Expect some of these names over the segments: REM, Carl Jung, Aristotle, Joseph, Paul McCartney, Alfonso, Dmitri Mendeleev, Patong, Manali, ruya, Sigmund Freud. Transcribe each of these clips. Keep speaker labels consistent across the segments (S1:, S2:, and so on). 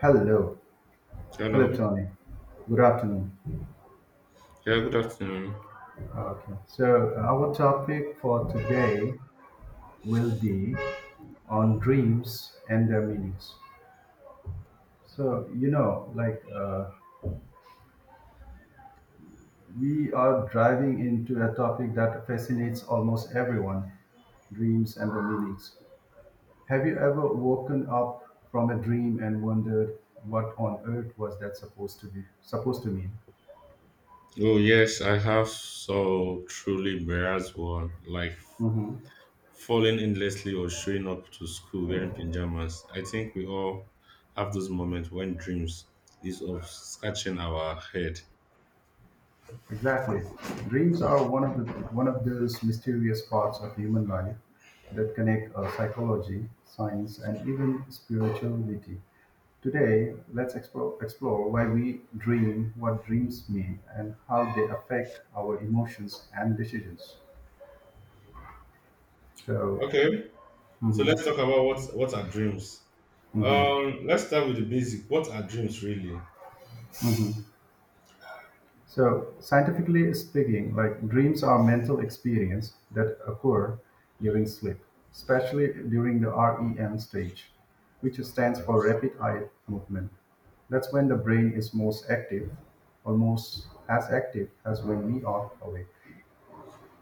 S1: Hello. Hello,
S2: Hello.
S1: Tony. Good afternoon.
S2: Yeah, good afternoon.
S1: Our topic for today will be on dreams and their meanings. So, you know, like uh, we are driving into a topic that fascinates almost everyone, dreams and their meanings. Have you ever woken up from a dream and wondered what on earth was that supposed to mean?
S2: Oh yes, I have so truly embarrassed one, like falling endlessly or showing up to school wearing pajamas. I think we all have those moments when dreams is of scratching our head.
S1: Exactly. Dreams are one of those mysterious parts of human life that connect psychology, science, and even spirituality. Today, let's explore why we dream, what dreams mean, and how they affect our emotions and decisions. So,
S2: Okay, so
S1: mhm,
S2: let's talk about what are dreams.
S1: mhm.
S2: Let's start with the basic. What are dreams really?
S1: So, scientifically speaking, like dreams are mental experience that occur during sleep, especially during the REM stage, which stands for rapid eye movement. That's when the brain is most active, almost as active as when we are awake.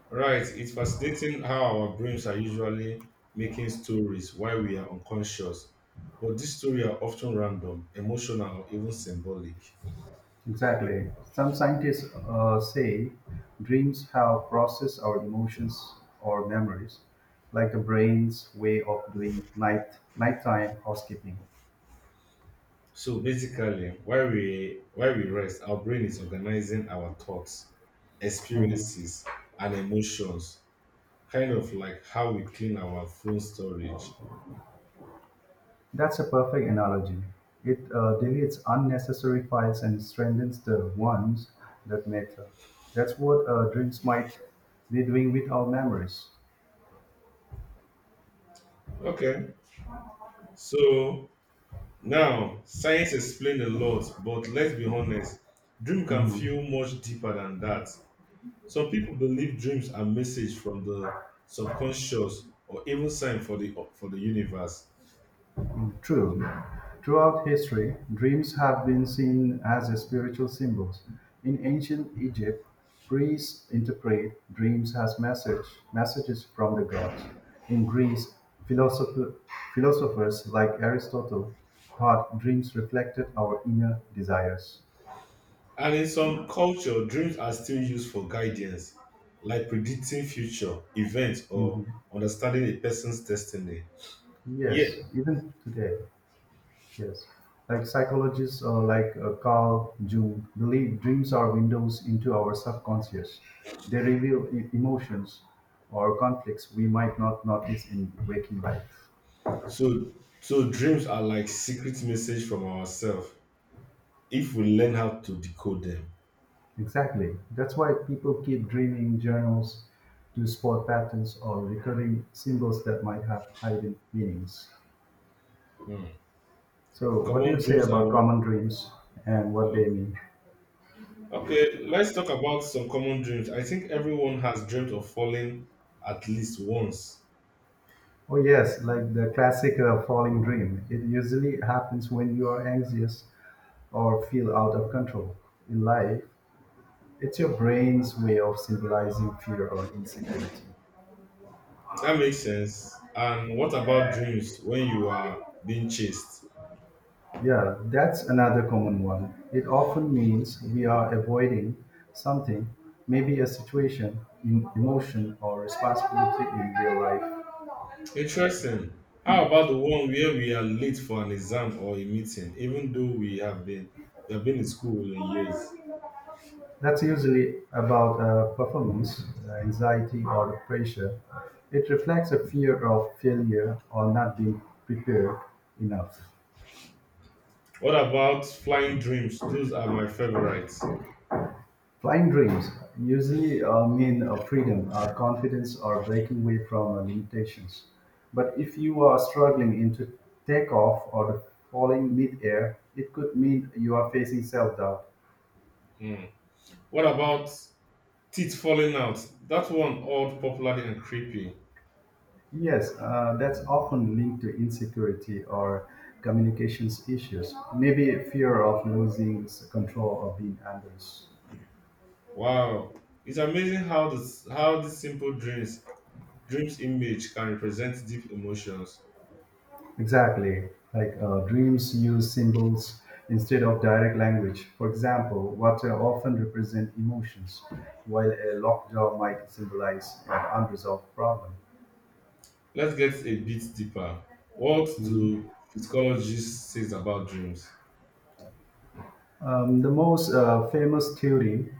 S2: Right. It's fascinating how our brains are usually making stories while we are unconscious, but these stories are often random, emotional, or even symbolic.
S1: Exactly. Some scientists say dreams help process our emotions or memories, like the brain's way of doing nighttime housekeeping.
S2: So basically, while we rest, our brain is organizing our thoughts, experiences, and emotions, kind of like how we clean our phone storage.
S1: That's a perfect analogy. It deletes unnecessary files and strengthens the ones that matter. That's what dreams might be doing with our memories.
S2: Okay. So now science explained a lot, but let's be honest, dream can feel much deeper than that. Some people believe dreams are message from the subconscious or even sign for the universe.
S1: True. Throughout history, dreams have been seen as spiritual symbols. In ancient Egypt, priests interpret dreams as messages from the gods. In Greece, philosopher, philosophers like Aristotle thought dreams reflected our inner desires.
S2: And in some culture, dreams are still used for guidance, like predicting future events or
S1: Mhm.
S2: understanding a person's destiny. Yeah.
S1: Yes, even today, yes. Like psychologists Carl Jung believe dreams are windows into our subconscious. They reveal emotions or conflicts we might not notice in waking life.
S2: So so dreams are like secret message from ourselves if we learn how to decode them.
S1: Exactly. That's why people keep dreaming journals to spot patterns or recurring symbols that might have hidden meanings.
S2: Hmm.
S1: So, what do
S2: Common
S1: you say
S2: dreams
S1: about common dreams and what they
S2: oh,
S1: mean?
S2: okay, let's talk about some common dreams. I think everyone has dreamt of falling at least once.
S1: Oh yes, like the classic falling dream. It usually happens when you are anxious or feel out of control. In life, it's your brain's way of symbolizing fear or insecurity.
S2: That makes sense. And what about dreams when you are being chased?
S1: Yeah, that's another common one. It often means we are avoiding something, maybe a situation, emotion, or responsibility in real life.
S2: Interesting. How about the one where we are late for an exam or a meeting, even though we have been in school in years?
S1: That's usually about a performance anxiety or pressure. It reflects a fear of failure or not being prepared enough.
S2: What about flying dreams? Those are my favorites.
S1: Flying dreams usually mean freedom, confidence, or breaking away from limitations. But if you are struggling into takeoff or falling midair, it could mean you are facing self doubt.
S2: What about teeth falling out? That one odd, popular and creepy.
S1: Yes, that's often linked to insecurity or communications issues, maybe fear of losing control or being others.
S2: Wow. It's amazing how this how these simple dreams image can represent deep emotions.
S1: Exactly, dreams use symbols instead of direct language. For example, water often represent emotions, while a locked door might symbolize an unresolved problem.
S2: Let's get a bit deeper. What do psychologists say about dreams?
S1: The most famous theory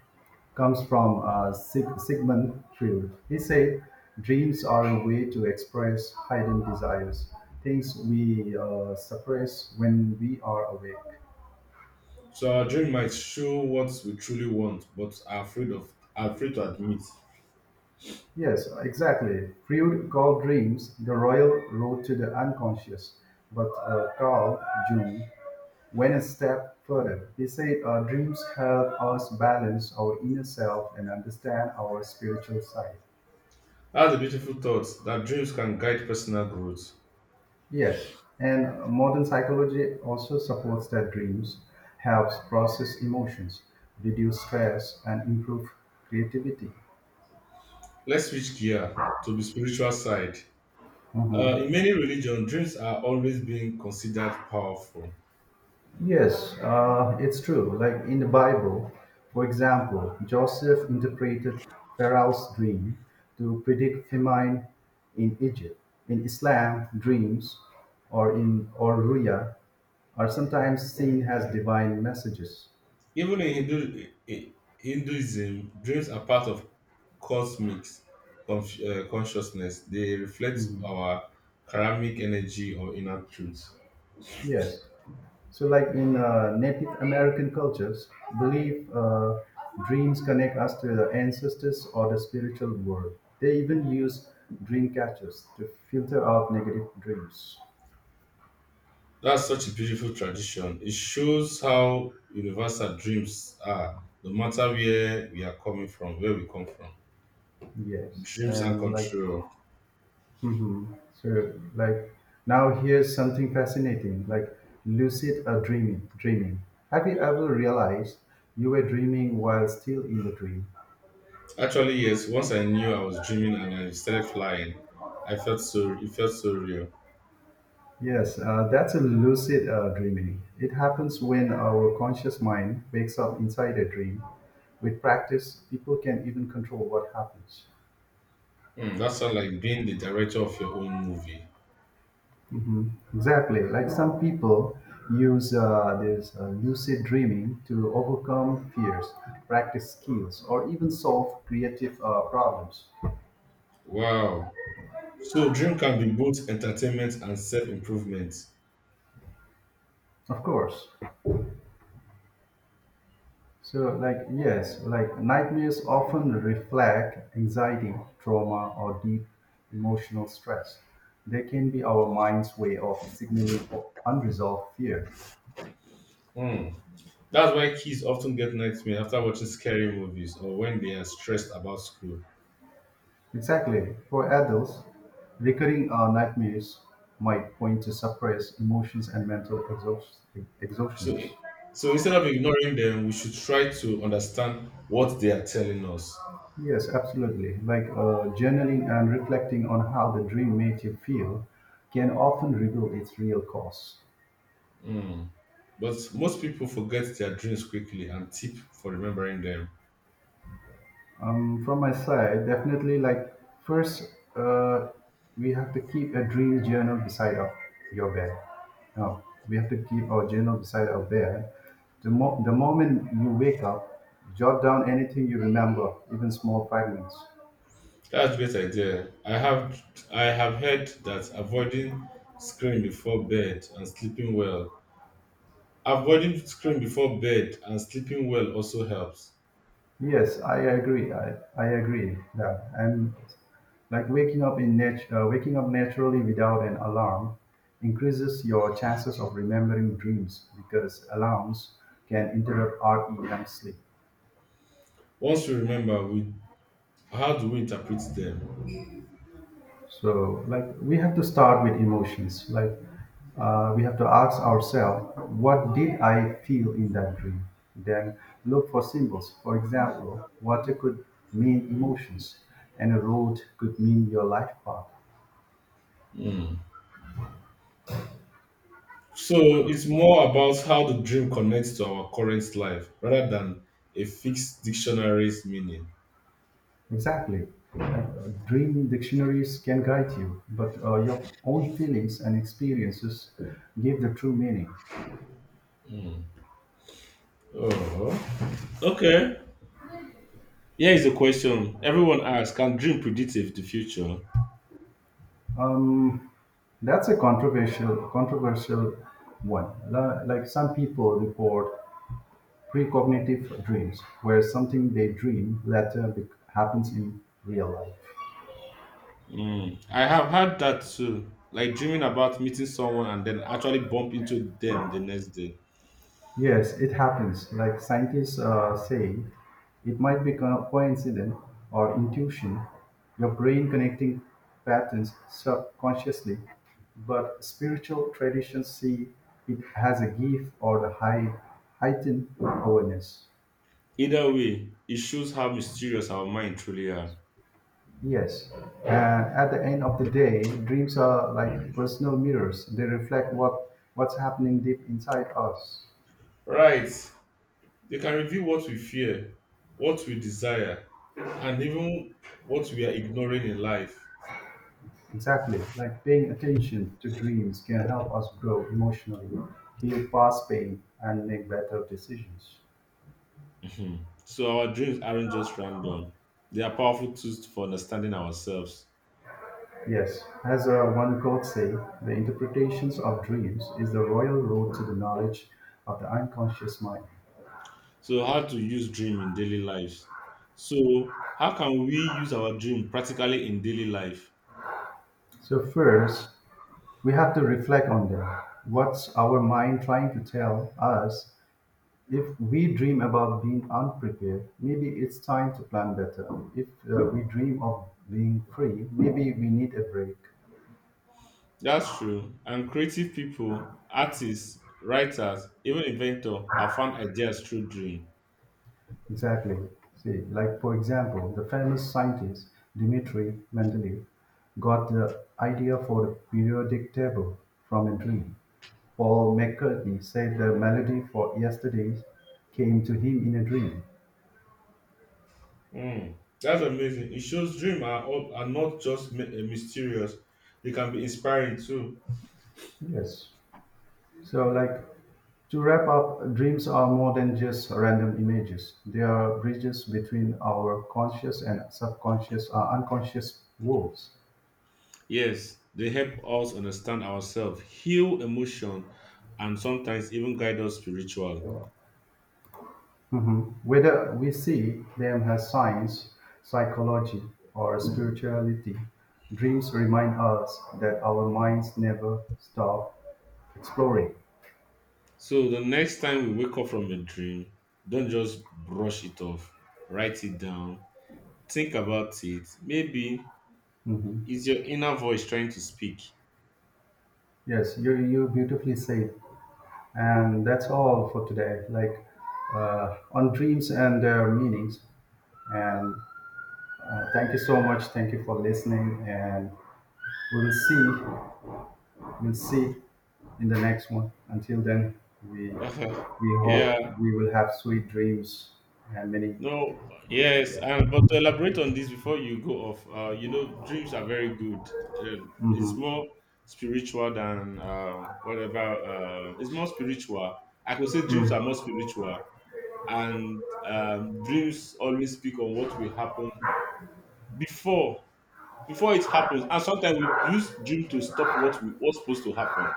S1: comes from Sigmund Freud. He said, dreams are a way to express hidden desires, things we suppress when we are awake.
S2: So our dream might show what we truly want, but are afraid to admit.
S1: Yes, exactly. Freud called dreams the royal road to the unconscious, but Carl Jung went a step further. He said, dreams help us balance our inner self and understand our spiritual side.
S2: That's a beautiful thought that dreams can guide personal growth.
S1: Yes, and modern psychology also supports that dreams helps process emotions, reduce stress, and improve creativity.
S2: Let's switch gear to the spiritual side.
S1: Mhm.
S2: In many religions, dreams are always being considered powerful.
S1: Yes, it's true. Like in the Bible, for example, Joseph interpreted Pharaoh's dream to predict famine in Egypt. In Islam, dreams or in or ruya are sometimes seen as divine messages.
S2: Even in Hinduism, dreams are part of cosmic consciousness. They reflect
S1: Mhm.
S2: our karmic energy or inner truth.
S1: Yes. So, like in Native American cultures, belief dreams connect us to the ancestors or the spiritual world. They even use dream catchers to filter out negative dreams.
S2: That's such a beautiful tradition. It shows how universal dreams are, no matter where we come from.
S1: Yes,
S2: Dreams and
S1: and like,
S2: control.
S1: mhm. so like Now here's something fascinating, like lucid or dreaming. Dreaming. Have you ever realized you were dreaming while still in the dream?
S2: Actually, yes. Once I knew I was dreaming and I started flying, I felt so. It felt so real.
S1: Yes, that's a lucid dreaming. It happens when our conscious mind wakes up inside a dream. With practice, people can even control what happens.
S2: Hmm, that sounds like being the director of your own movie.
S1: Mhm. Exactly. Like some people use this lucid dreaming to overcome fears, practice skills, or even solve creative problems.
S2: Wow. So dream can be both entertainment and self-improvement.
S1: Of course. Nightmares often reflect anxiety, trauma, or deep emotional stress. They can be our mind's way of signaling unresolved fear.
S2: Hmm. That's why kids often get nightmares after watching scary movies or when they are stressed about school.
S1: Exactly. For adults, recurring nightmares might point to suppressed emotions and mental
S2: So,
S1: exhaustions.
S2: so instead of ignoring them, we should try to understand what they are telling us.
S1: Yes, absolutely. Journaling and reflecting on how the dream made you feel can often reveal its real cause.
S2: Hmm. But most people forget their dreams quickly and tip for remembering them.
S1: From my side, definitely, like first, uh, we have to keep a dream journal beside your bed. Now, we have to keep our journal beside our bed. The moment you wake up, jot down anything you remember, even small fragments.
S2: That's a great idea. I have heard that screen before bed and sleeping well avoiding screen before bed and sleeping well also helps.
S1: Yes, I agree. Yeah, and like waking up naturally without an alarm increases your chances of remembering dreams because alarms can interrupt REM sleep.
S2: Once we remember, we how do we interpret them?
S1: So, like we have to start with emotions. Like we have to ask ourselves, what did I feel in that dream? Then look for symbols. For example, water could mean emotions, and a road could mean your life path.
S2: So it's more about how the dream connects to our current life rather than a fixed dictionary's meaning.
S1: Exactly. Dream dictionaries can guide you, but your own feelings and experiences give the true meaning.
S2: Oh, okay. Here is a question everyone asks: Can dream predict if the future?
S1: Um, that's a controversial one. Like some people report precognitive dreams, where something they dream later happens in real life.
S2: Mm, I have had that too, like dreaming about meeting someone and then actually bump into them the next day.
S1: Yes, it happens. Like scientists say, it might be coincident or intuition, your brain connecting patterns subconsciously, but spiritual traditions see it as a gift or the heightened awareness.
S2: Either way, it shows how mysterious our mind truly are.
S1: Yes, at the end of the day, dreams are like personal mirrors. They reflect what's happening deep inside us.
S2: Right. They can reveal what we fear, what we desire, and even what we are ignoring in life.
S1: Exactly, like paying attention to dreams can help us grow emotionally, heal past pain, and make better decisions.
S2: Mhm. So our dreams aren't just random. They are powerful tools for understanding ourselves.
S1: Yes, as one quote say, the interpretations of dreams is the royal road to the knowledge of the unconscious mind.
S2: So how to use dream in daily lives. So how can we use our dream practically in daily life?
S1: So first, we have to reflect on them. What's our mind trying to tell us? If we dream about being unprepared, maybe it's time to plan better. If we dream of being free, maybe we need a break.
S2: That's true. And creative people, artists, writers, even inventors have found ideas through dream.
S1: Exactly. See, like for example, the famous scientist Dmitri Mendeleev got the idea for the periodic table from a dream. Paul McCartney said the melody for yesterday came to him in a dream.
S2: Mm, that's amazing. It shows dreams are, not just mysterious, they can be inspiring too.
S1: Yes. So, like to wrap up, dreams are more than just random images. They are bridges between our conscious and unconscious worlds.
S2: Yes, they help us understand ourselves, heal emotion, and sometimes even guide us spiritual.
S1: Mhm. Whether we see them as science, psychology, or spirituality, dreams remind us that our minds never stop exploring.
S2: So the next time we wake up from a dream, don't just brush it off. Write it down. Think about it. Maybe
S1: Hmm.
S2: it's your inner voice trying to speak.
S1: Yes, you beautifully said, and that's all for today. On dreams and their meanings. And thank you so much. Thank you for listening, and we will see we'll see in the next one. Until then, we we hope
S2: Yeah.
S1: we will have sweet dreams and many
S2: No, yes,
S1: yes.
S2: and but to elaborate on this before you go off, dreams are very good. Uh, it's
S1: Mm-hmm.
S2: more spiritual than whatever. It's more spiritual. I could say dreams are more spiritual, and dreams always speak on what will happen before before it happens. And sometimes we use dream to stop what's supposed to happen.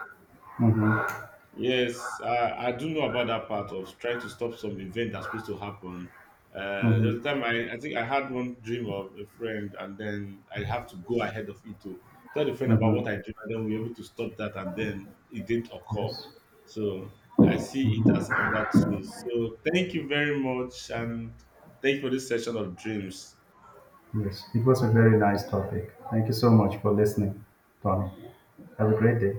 S1: Mm-hmm.
S2: Yes, I do know about that part of trying to stop some event that's supposed to happen. There was
S1: Mm-hmm.
S2: a time I think I had one dream of a friend, and then I have to go ahead of it to tell the friend about what
S1: Mm-hmm.
S2: I dream, and then we were able to stop that, and then it didn't occur.
S1: Yes.
S2: So I see it as on that too. So thank you very much, and thank you for this session of dreams.
S1: Yes. It was a very nice topic. Thank you so much for listening, Tony. Have a great day.